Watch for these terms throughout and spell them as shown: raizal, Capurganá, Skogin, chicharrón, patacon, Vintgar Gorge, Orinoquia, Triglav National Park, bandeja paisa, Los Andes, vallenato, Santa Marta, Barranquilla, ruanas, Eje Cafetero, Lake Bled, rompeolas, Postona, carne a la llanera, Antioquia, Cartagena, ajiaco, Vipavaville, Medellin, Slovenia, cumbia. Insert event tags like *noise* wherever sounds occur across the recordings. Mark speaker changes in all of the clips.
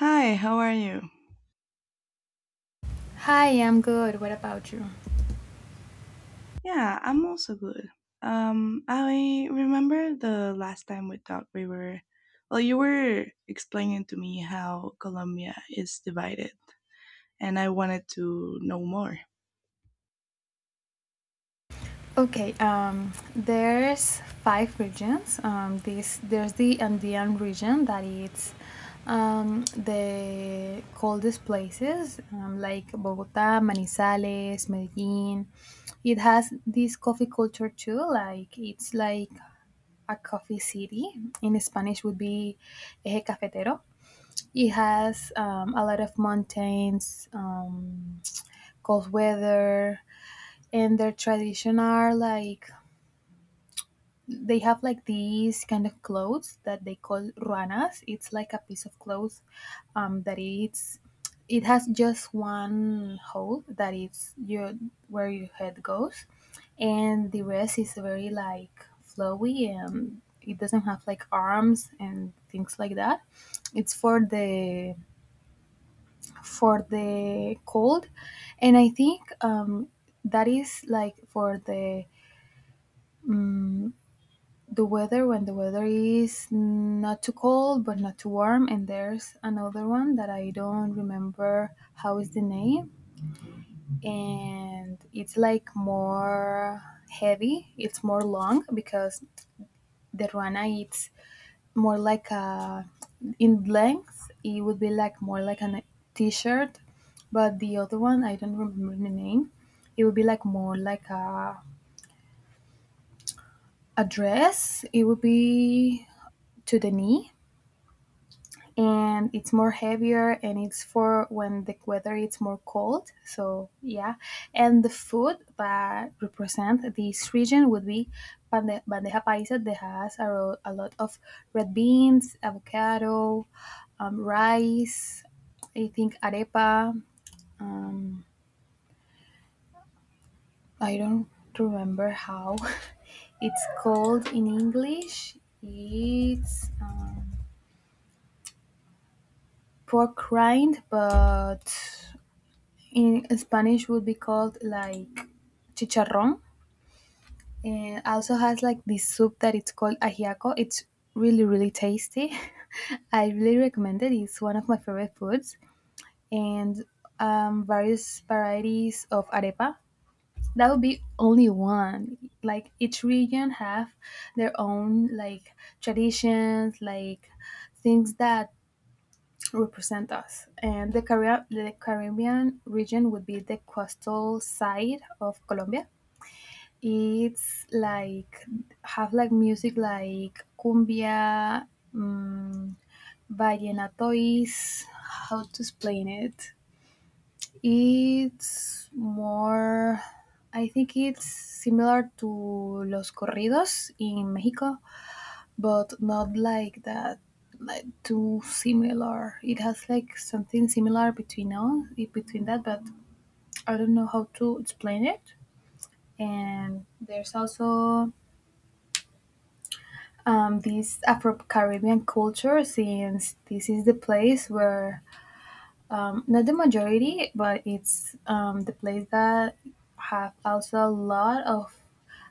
Speaker 1: Hi, how are you?
Speaker 2: Hi, I'm good. What about you?
Speaker 1: Yeah, I'm also good. I remember the last time we talked, you were explaining to me how Colombia is divided, and I wanted to know more.
Speaker 2: Okay, there's five regions. This There's the Andean region that it's the coldest places, like Bogota, Manizales, Medellin. It has this coffee culture too. Like it's like a coffee city. In Spanish, would be Eje Cafetero. It has a lot of mountains. Cold weather and their tradition are like they have like these kind of clothes that they call ruanas. It's like a piece of cloth that it's it has just one hole that is your where your head goes, and the rest is very like flowy, and it doesn't have like arms and things like that. It's for the cold, and I think that is like for the, um, the weather, when the weather is not too cold but not too warm. And there's another one that I don't remember how is the name, and it's like more heavy, it's more long, because the ruana it's more like a, in length it would be like more like a t-shirt, but the other one I don't remember the name. It would be like more like a dress, it would be to the knee, and it's more heavier, and it's for when the weather it's more cold, so yeah. And the food that represent this region would be bandeja paisa, that has a lot of red beans, avocado, rice, I think arepa, um, I don't remember how *laughs* it's called in English. It's pork rind, but in Spanish would be called like chicharrón. And also has like this soup that it's called ajiaco. It's really really tasty. *laughs* I really recommend it. It's one of my favorite foods. And various varieties of arepa. That would be only one. Like each region have their own like traditions, like things that represent us. And the Caribbean region would be the coastal side of Colombia. It's like have like music like cumbia, um, vallenatois. How to explain it? It's more. I think it's similar to los corridos in Mexico, but not like that, like too similar. It has like something similar between us, between that, but I don't know how to explain it. And there's also this Afro-Caribbean culture, since this is the place where, not the majority, but it's the place that have also a lot of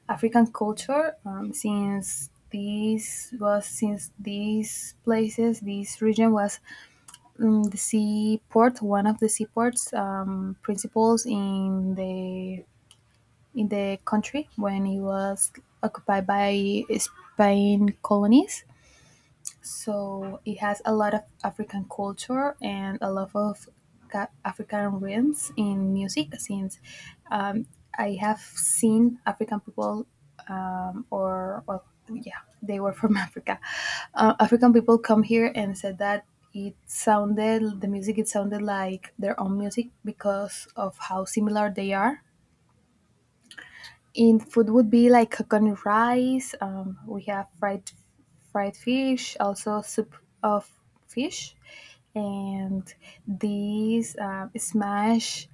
Speaker 2: African culture. Since this was, since these places, this region was the seaport, one of the seaports principals in the country, when it was occupied by Spain colonies. So it has a lot of African culture and a lot of African rhythms in music since, um, I have seen African people, or well, yeah, they were from *laughs* Africa. African people come here and said that it sounded the music it sounded like their own music, because of how similar they are in food. Would be like coconut rice. We have fried fish, also soup of fish, and these smash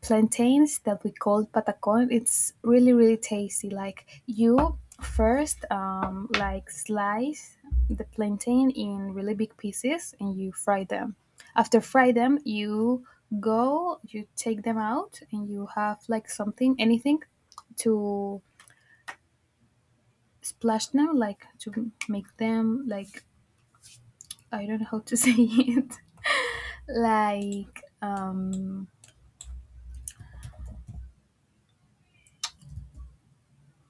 Speaker 2: plantains that we call patacon. It's really really tasty. Like, you first like slice the plantain in really big pieces and you fry them. After fry them, you go you take them out and you have like something, anything, to splash them like to make them like, I don't know how to *laughs* say it, like,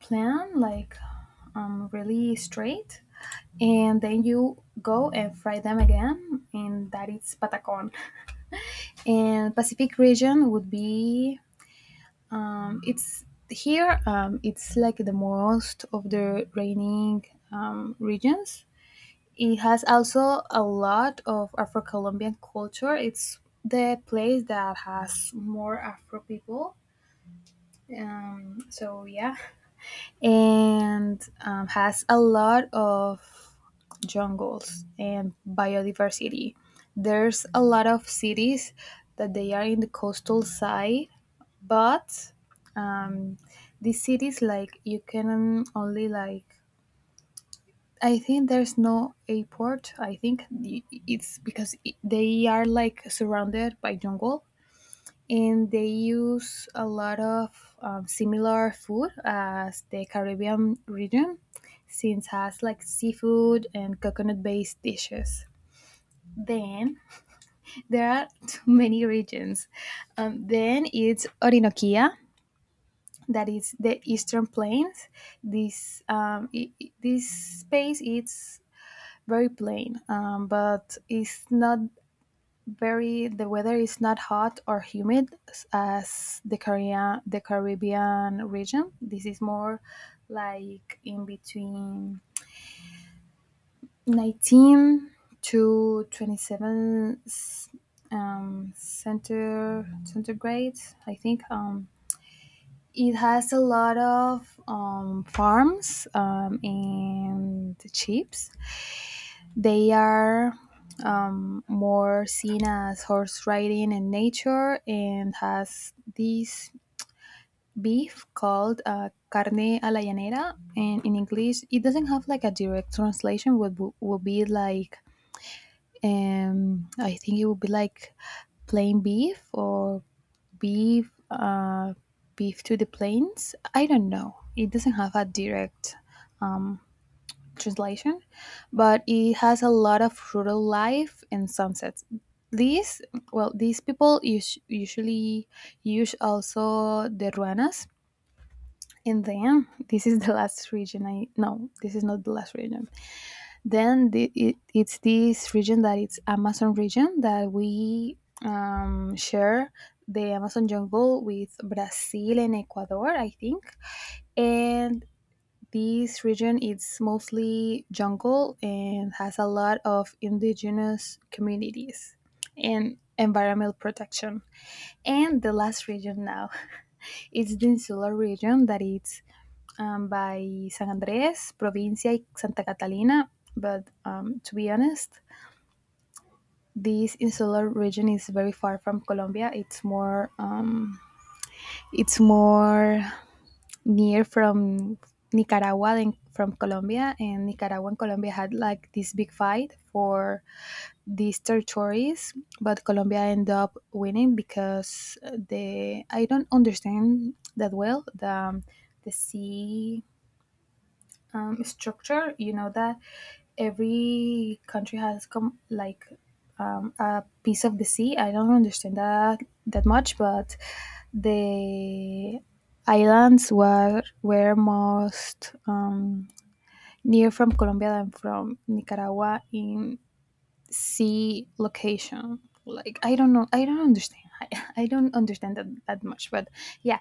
Speaker 2: plan like, really straight, and then you go and fry them again, and that is patacon. And Pacific region would be it's here, it's like the most of the raining regions. It has also a lot of Afro-Colombian culture. It's the place that has more Afro people, so yeah. And has a lot of jungles and biodiversity. There's a lot of cities that they are in the coastal side, but um, these cities, like you can only like, I think there's no airport. I think it's because they are like surrounded by jungle, and they use a lot of similar food as the Caribbean region, since has like seafood and coconut-based dishes. Then there are *laughs* too many regions. Then it's Orinoquia, that is the eastern plains. This, this space is very plain, but it's not very the weather is not hot or humid as the Caribbean region. This is more like in between 19 to 27 center centigrade, I think. It has a lot of farms, and chips. They are, more seen as horse riding in nature, and has this beef called, carne a la llanera. And in English, it doesn't have like a direct translation, would be like, I think it would be like plain beef, or beef, to the plains. I don't know. It doesn't have a direct translation, but it has a lot of rural life and sunsets. These, well, these people usually use also the ruanas. And then this is the last region. I No, this is not the last region. Then it's this region that it's Amazon region that we share the Amazon jungle with Brazil and Ecuador, I think. And this region is mostly jungle and has a lot of indigenous communities and environmental protection. And the last region now *laughs* is the insular region, that is by San Andres, Provincia, y Santa Catalina. But to be honest, this insular region is very far from Colombia. It's more near from Nicaragua and from Colombia. And Nicaragua and Colombia had like this big fight for these territories, but Colombia ended up winning because the I don't understand that well the, um, sea structure. You know that every country has come like a piece of the sea. I don't understand that that much, but the islands were most near from Colombia than from Nicaragua, in, see, location, like, I don't know, I don't understand *laughs* I don't understand that, that much, but yeah.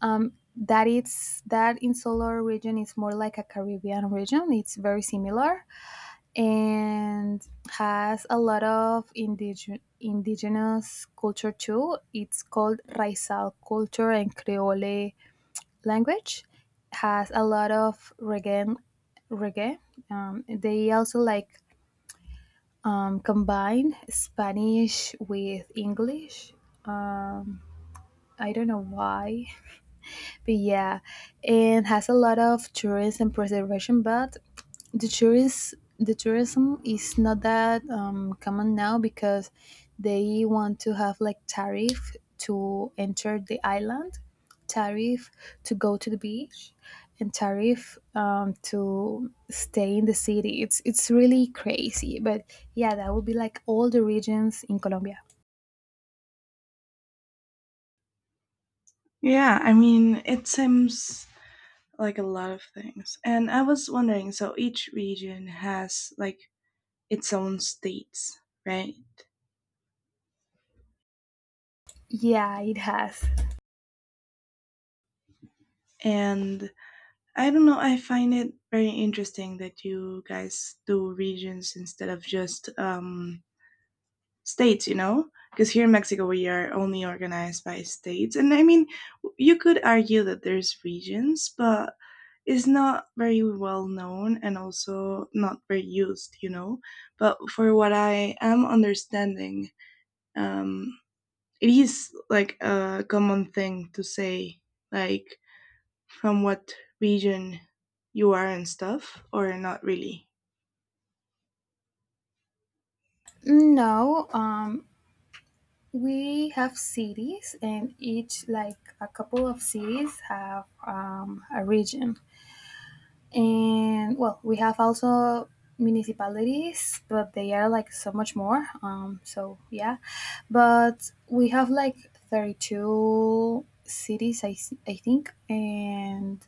Speaker 2: That it's, that insular region is more like a Caribbean region, it's very similar. And has a lot of indigenous culture too. It's called raizal culture and creole language. Has a lot of reggae, reggae they also like combine Spanish with English. Um, I don't know why. But yeah, and has a lot of tourism and preservation, but the tourism is not that common now, because they want to have like tariff to enter the island, tariff to go to the beach, and tariff to stay in the city. It's really crazy, but yeah, that would be like all the regions in Colombia.
Speaker 1: Yeah, I mean, it seems like a lot of things. And I was wondering, so each region has like its own states, right?
Speaker 2: Yeah, it has.
Speaker 1: And I don't know. I find it very interesting that you guys do regions instead of just states, you know? Because here in Mexico, we are only organized by states. And I mean, you could argue that there's regions, but it's not very well known and also not very used, you know? But for what I am understanding, um, it is like a common thing to say, like, from what region you are and stuff, or not really?
Speaker 2: No, we have cities, and each like a couple of cities have a region, and well we have also municipalities but they are like so much more, so yeah. But we have like 32 cities I think, and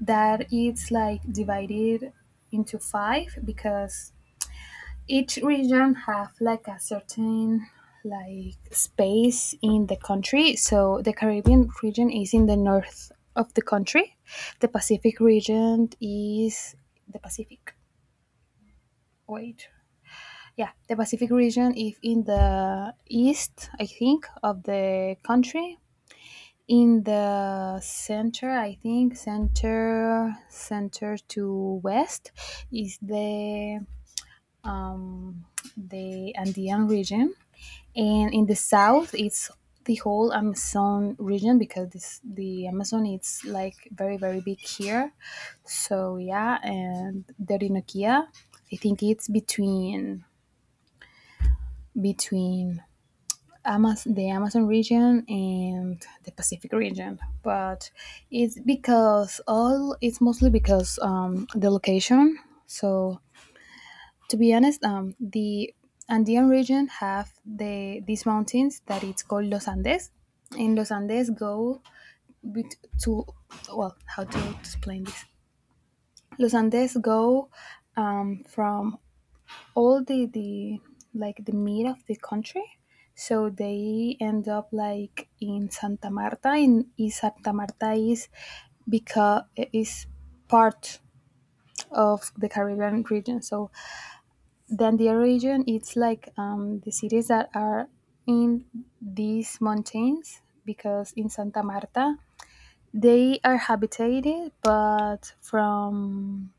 Speaker 2: that it's like divided into five, because each region have like a certain like space in the country. So the Caribbean region is in the north of the country. The Pacific region is the pacific wait, yeah, the Pacific region is in the east, I think, of the country. In the center, I think, center, to west is the, um Andean region. And in the south, it's the whole Amazon region, because this, the Amazon it's like very very big here. So yeah. And the Orinoquia, I think it's between, between the Amazon region and the Pacific region, but it's because all, it's mostly because, the location. So to be honest, the Andean region have the, these mountains that it's called Los Andes. And Los Andes go bet- to well, how to explain this? Los Andes go from all the mid of the country, so they end up like in Santa Marta. In is Santa Marta is because is part of the Caribbean region. So then the region, it's like the cities that are in these mountains, because in Santa Marta, they are habitated, but from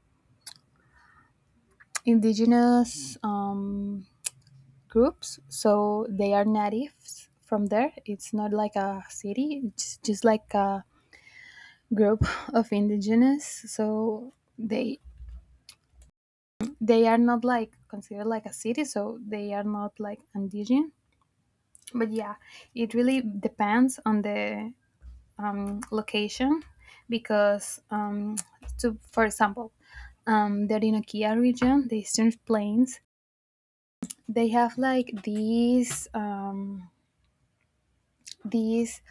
Speaker 2: indigenous groups, so they are natives from there. It's not like a city; it's just like a group *laughs* of indigenous. So they are not like considered like a city, so they are not like indigenous, but yeah, it really depends on the location, because to for example the Orinoquia region, the eastern plains, they have like these, these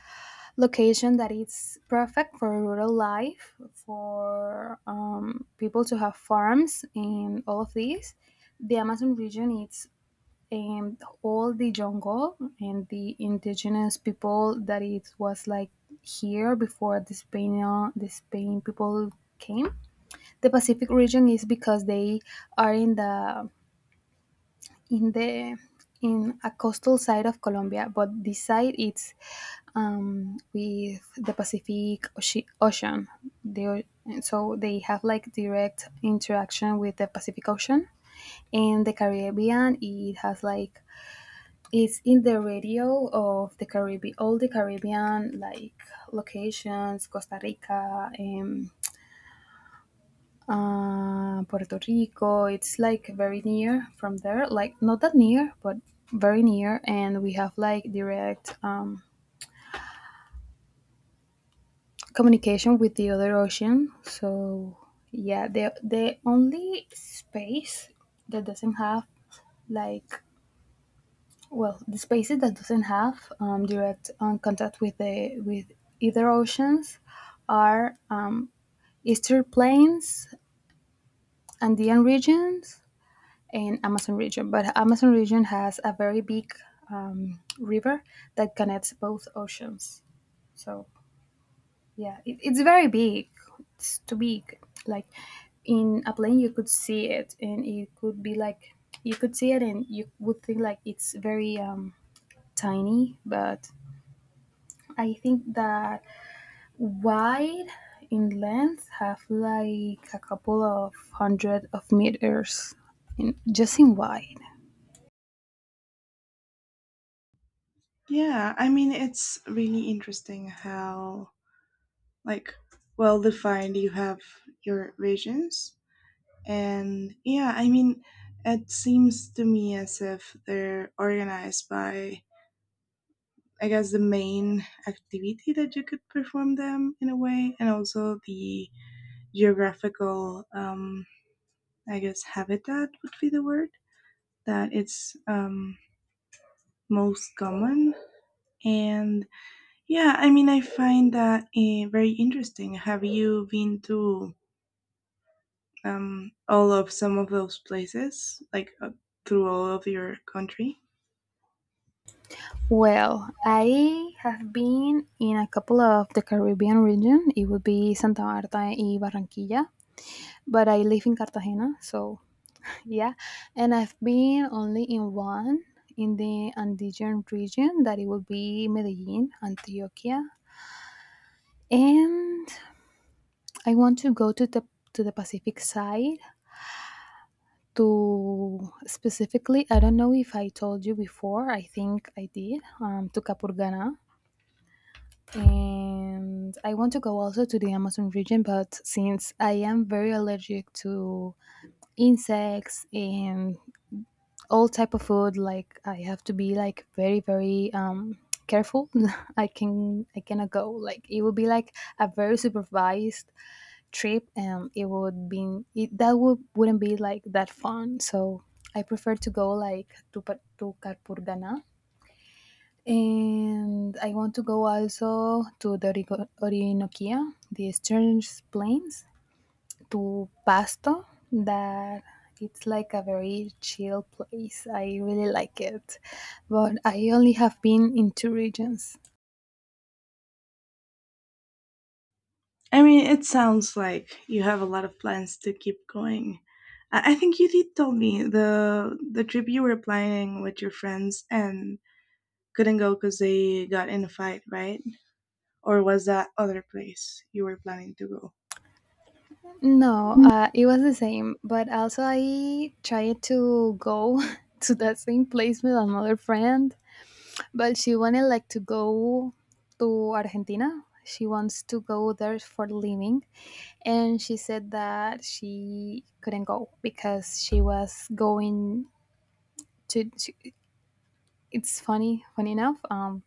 Speaker 2: location that it's perfect for rural life, for people to have farms and all of these. The Amazon region, it's, and all the jungle and the indigenous people that it was like here before the Spain, the Spain people came. The Pacific region is because they are in the in the in a coastal side of Colombia, but this side it's with the Pacific Ocean. They are- so they have like direct interaction with the Pacific Ocean and the Caribbean. It has like It's in the radio of the Caribbean, all the Caribbean like locations, Costa Rica, Puerto Rico. It's like very near from there, like not that near, but very near, and we have like direct communication with the other ocean. So yeah, the only space that doesn't have like. Well, the spaces that doesn't have direct contact with the with either oceans are eastern plains, Andean regions, and Amazon region. But Amazon region has a very big river that connects both oceans. So yeah, it's very big. It's too big. Like in a plane, you could see it, and it could be like you could see it, and you would think like it's very tiny, but I think that wide in length have like a couple of hundred of meters in just in wide.
Speaker 1: Yeah, I mean, it's really interesting how, like, well defined you have your regions. And yeah, I mean, it seems to me as if they're organized by, I guess, the main activity that you could perform them in a way, and also the geographical, I guess, habitat would be the word that it's most common. And yeah, I mean, I find that very interesting. Have you been to all of some of those places, like through all of your country?
Speaker 2: Well, I have been in a couple of the Caribbean region. It would be Santa Marta y Barranquilla, but I live in Cartagena, so yeah. And I've been only in one in the Andean region that it would be Medellin, Antioquia. And I want to go to the Pacific side to specifically, I don't know if I told you before, I think I did, to Capurganá. And I want to go also to the Amazon region, but since I am very allergic to insects and all type of food, like I have to be like very very careful. *laughs* I cannot go, like it will be like a very supervised trip, and it would be that wouldn't be like that fun. So I prefer to go like to to Carpurgana. And I want to go also to the orinoquia, the eastern plains, to pasto, that it's like a very chill place, I really like it. But I only have been in two regions.
Speaker 1: I mean, it sounds like you have a lot of plans to keep going. I think you did tell me the trip you were planning with your friends and couldn't go because they got in a fight, right? Or was that other place you were planning to go?
Speaker 2: No, it was the same, but also I tried to go *laughs* to that same place with another friend, but she wanted like to go to Argentina. She wants to go there for living, and she said that she couldn't go because she was going to. She, it's funny enough.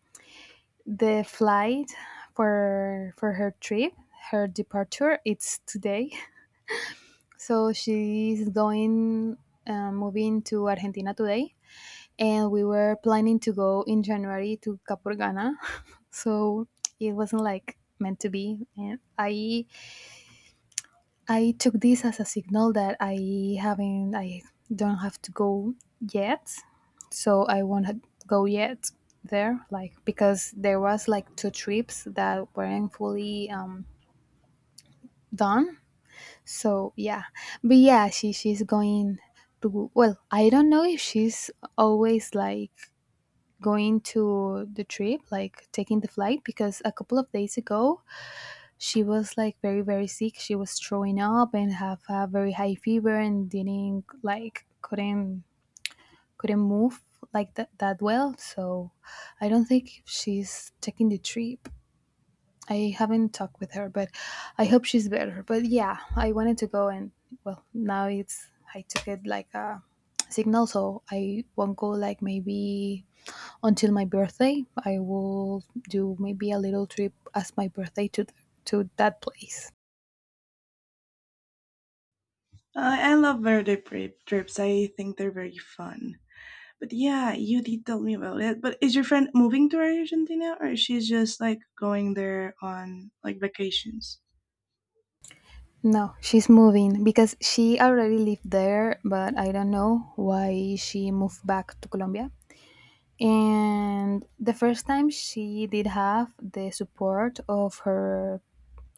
Speaker 2: The flight for her trip, her departure, it's today. *laughs* So she's going, moving to Argentina today, and we were planning to go in January to Capurgana. *laughs* So it wasn't like meant to be. And I took this as a signal that I don't have to go yet. So I won't go yet there, like because there was like two trips that weren't fully done. So yeah, but yeah, she's going to. Well, I don't know if she's always like going to the trip, like taking the flight, because a couple of days ago she was like very very sick. She was throwing up and have a very high fever and didn't like couldn't move like that well. So I don't think she's taking the trip. I haven't talked with her, but I hope she's better. But yeah, I wanted to go, and well, now it's I took it like a signal, so I won't go like maybe until my birthday. I will do maybe a little trip as my birthday to that place.
Speaker 1: I love trips. I think they're very fun. But yeah, you did tell me about it. But is your friend moving to Argentina or is she just like going there on like vacations?
Speaker 2: No, she's moving because she already lived there, but I don't know why she moved back to Colombia. And the first time she did have the support of her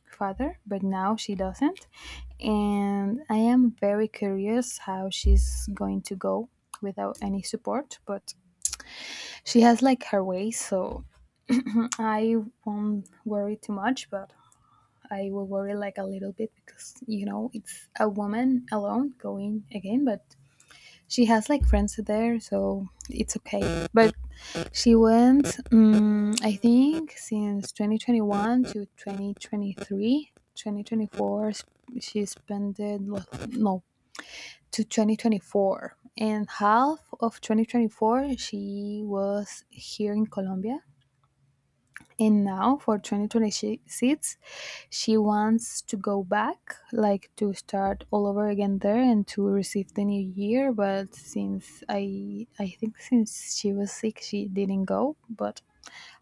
Speaker 2: father, but now she doesn't. And I am very curious how she's going to go without any support, but she has like her way, so *clears throat* I won't worry too much, but I will worry like a little bit because you know it's a woman alone going again, but she has like friends there, so it's okay. But she went I think since 2021 to 2023, 2024. She spent it no, to 2024, and half of 2024 she was here in Colombia, and now for 2026 she wants to go back, like to start all over again there and to receive the new year. But since I think since she was sick, she didn't go. But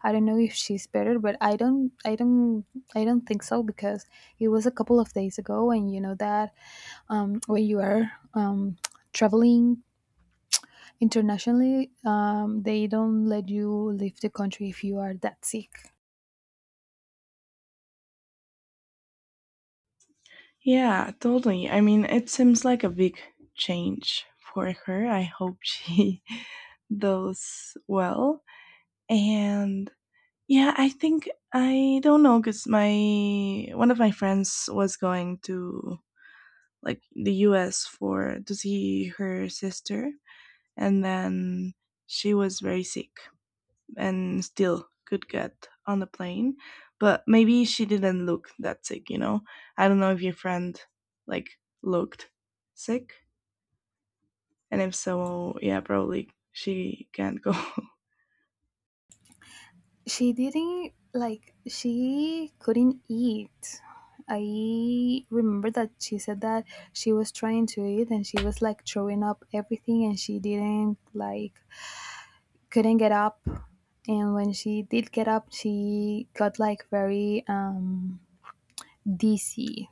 Speaker 2: I don't know if she's better. But I don't think so because it was a couple of days ago, and you know that when you are traveling internationally, they don't let you leave the country if you are that sick.
Speaker 1: Yeah, totally. I mean, it seems like a big change for her. I hope she *laughs* does well. And yeah, I think I don't know cuz my one of my friends was going to like the US for to see her sister, and then she was very sick and still could get on the plane, but maybe she didn't look that sick, you know. I don't know if your friend like looked sick, and if so, yeah, probably she can't go *laughs*
Speaker 2: She didn't like she couldn't eat. I remember that she said that she was trying to eat and she was like throwing up everything, and she didn't like couldn't get up. And when she did get up, she got like very dizzy,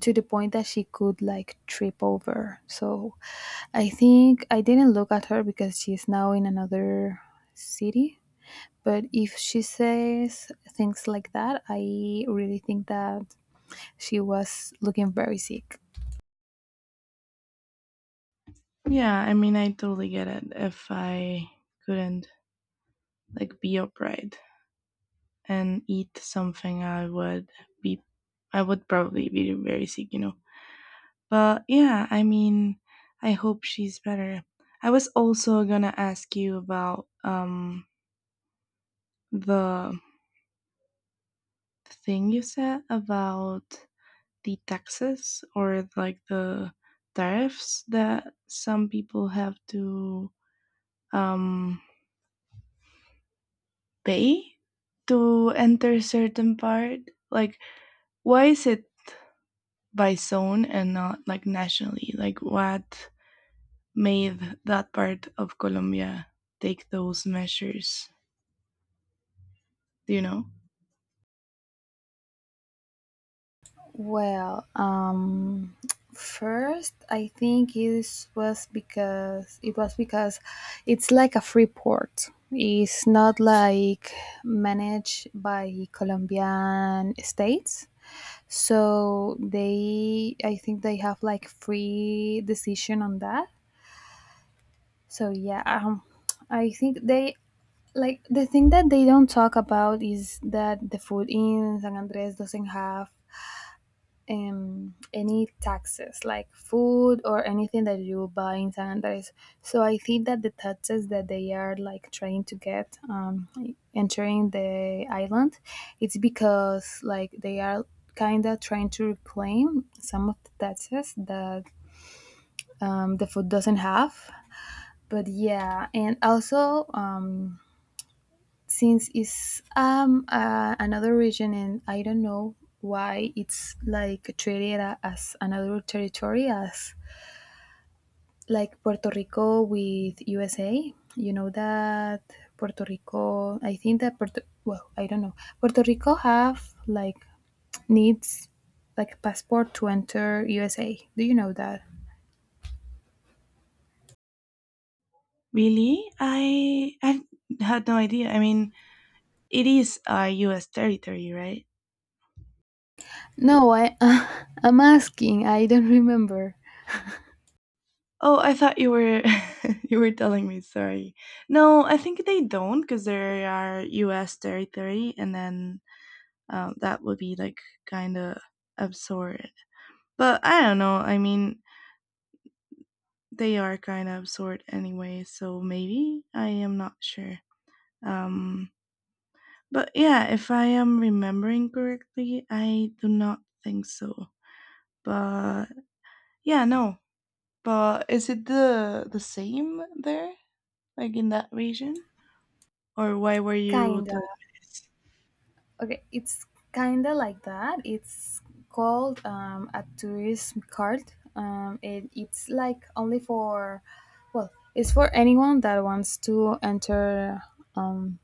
Speaker 2: to the point that she could like trip over. So I think I didn't look at her because she's now in another city, but if she says things like that, I really think that she was looking very sick.
Speaker 1: yeah, I mean, I totally get it. If I couldn't like be upright and eat something, I would be, I would probably be very sick, you know. But yeah, I mean, I hope she's better. I was also gonna ask you about the thing you said about the taxes, or like the tariffs that some people have to um pay to enter certain part. Like, why is it by zone and not like nationally? Like, what made that part of Colombia take those measures? Do you know?
Speaker 2: Well, first I think it was because it's like a free port. It's not like managed by Colombian states. So they, I think they have like free decision on that. So yeah, I think they like the thing that they don't talk about is that the food in San Andres doesn't have any taxes, like food or anything that you buy in San Andres. So I think that the taxes that they are like trying to get entering the island, it's because like they are kind of trying to reclaim some of the taxes that the food doesn't have. But yeah, and also since it's another region, and I don't know why it's like treated as another territory, as like Puerto Rico with USA. You know that Puerto Rico, I think that puerto well, I don't know, Puerto Rico have like needs like passport to enter USA, do you know that?
Speaker 1: Really? I had no idea. I mean, it is a U.S. territory, right?
Speaker 2: No, I *laughs* I'm asking, I don't remember.
Speaker 1: Oh, I thought you were *laughs* you were telling me. Sorry. No, I think they don't because they are U.S. territory, and then that would be like kind of absurd. But I don't know. I mean, they are kind of absurd anyway, so maybe I am not sure. Um, but yeah, if I am remembering correctly, I do not think so. But yeah, no. But is it the same there, like in that region, or why were you
Speaker 2: Kinda.
Speaker 1: the?
Speaker 2: Okay, it's kind of like that. It's called a tourism card. It's like only for, well, it's for anyone that wants to enter um,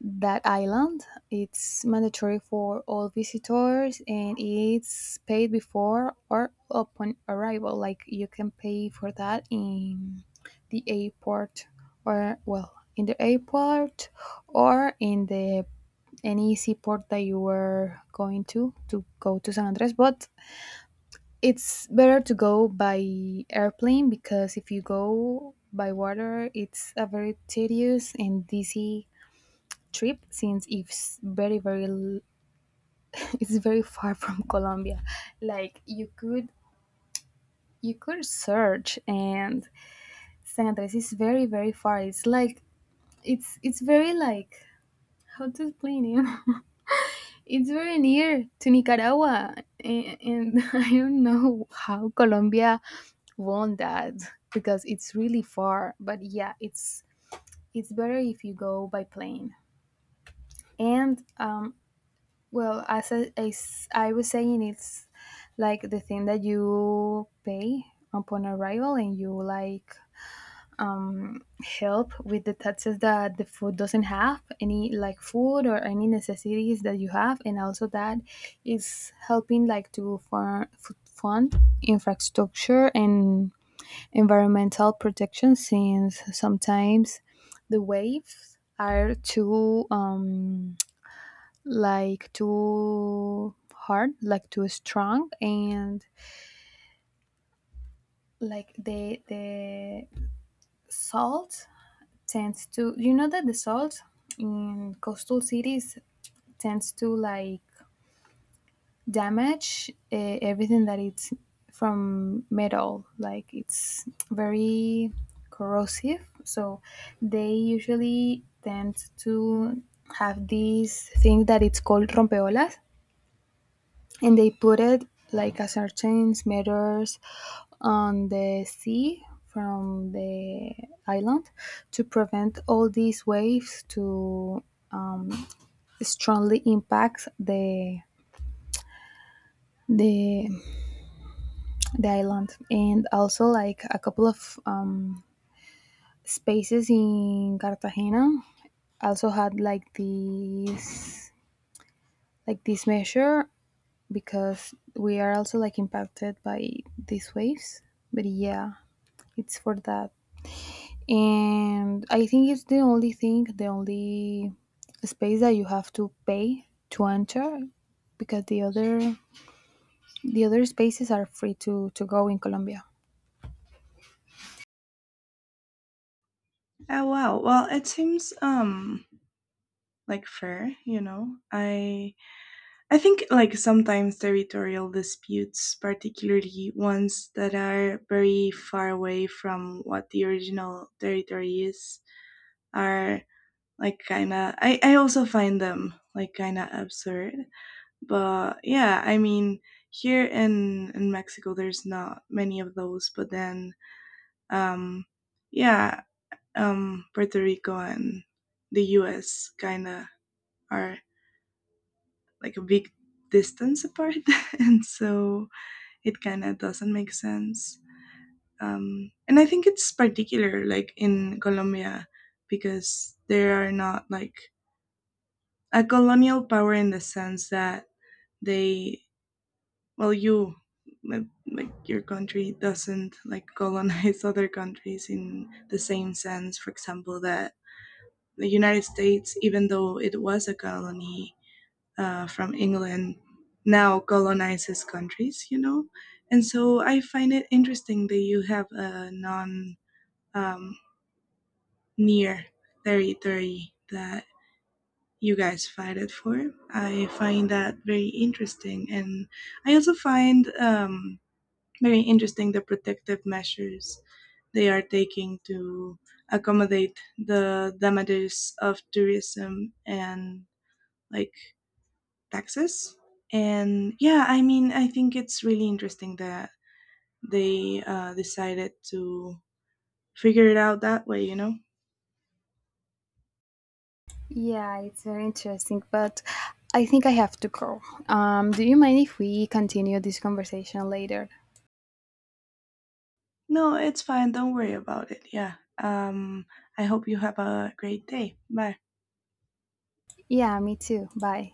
Speaker 2: that island. It's mandatory for all visitors and it's paid before or upon arrival. Like you can pay for that in the airport, or well, in the airport or in the any seaport that you were going to go to San Andres, but it's better to go by airplane because if you go by water, it's a very tedious and dizzy trip since it's very very *laughs* it's very far from Colombia. Like you could search and San Andres is very very far. It's like it's very like how to explain it. *laughs* It's very near to Nicaragua, and *laughs* I don't know how Colombia won that because it's really far. But yeah, it's better if you go by plane. And well, as I was saying, it's like the thing that you pay upon arrival and you like help with the taxes that the food doesn't have, any like food or any necessities that you have. And also that is helping like to fund infrastructure and environmental protection, since sometimes the waves are too like too hard, like too strong. And like the salt tends to, you know that the salt in coastal cities tends to like damage everything that it's from metal, like it's very corrosive. So they usually tend to have this thing that it's called rompeolas, and they put it like a certain meters on the sea from the island to prevent all these waves to uh, strongly impact the the island. And also like a couple of spaces in Cartagena also had like these like this measure because we are also like impacted by these waves. But yeah, it's for that. And I think it's the only thing, the only space that you have to pay to enter, because the other spaces are free to go in Colombia.
Speaker 1: Oh wow. Well, it seems like fair, you know. I think like sometimes territorial disputes, particularly ones that are very far away from what the original territory is, are like kind of, I also find them like kind of absurd. But yeah, I mean, here in Mexico there's not many of those, but then um yeah, Puerto Rico and the US kind of are like a big distance apart *laughs* and so it kind of doesn't make sense. And I think it's particular like in Colombia because they are not like a colonial power in the sense that they, well, you, like like, your country doesn't like colonize *laughs* other countries in the same sense. For example, that the United States, even though it was a colony, from England now colonizes countries, you know. And so I find it interesting that you have a non um, near territory that you guys fight it for. I find that very interesting. And I also find very interesting the protective measures they are taking to accommodate the damages of tourism and like taxes. And yeah, I mean, I think it's really interesting that they decided to figure it out that way, you know?
Speaker 2: Yeah, it's very interesting, but I think I have to go. Do you mind if we continue this conversation later?
Speaker 1: No, it's fine. Don't worry about it. Yeah. Um, I hope you have a great day. Bye.
Speaker 2: Yeah, me too. Bye.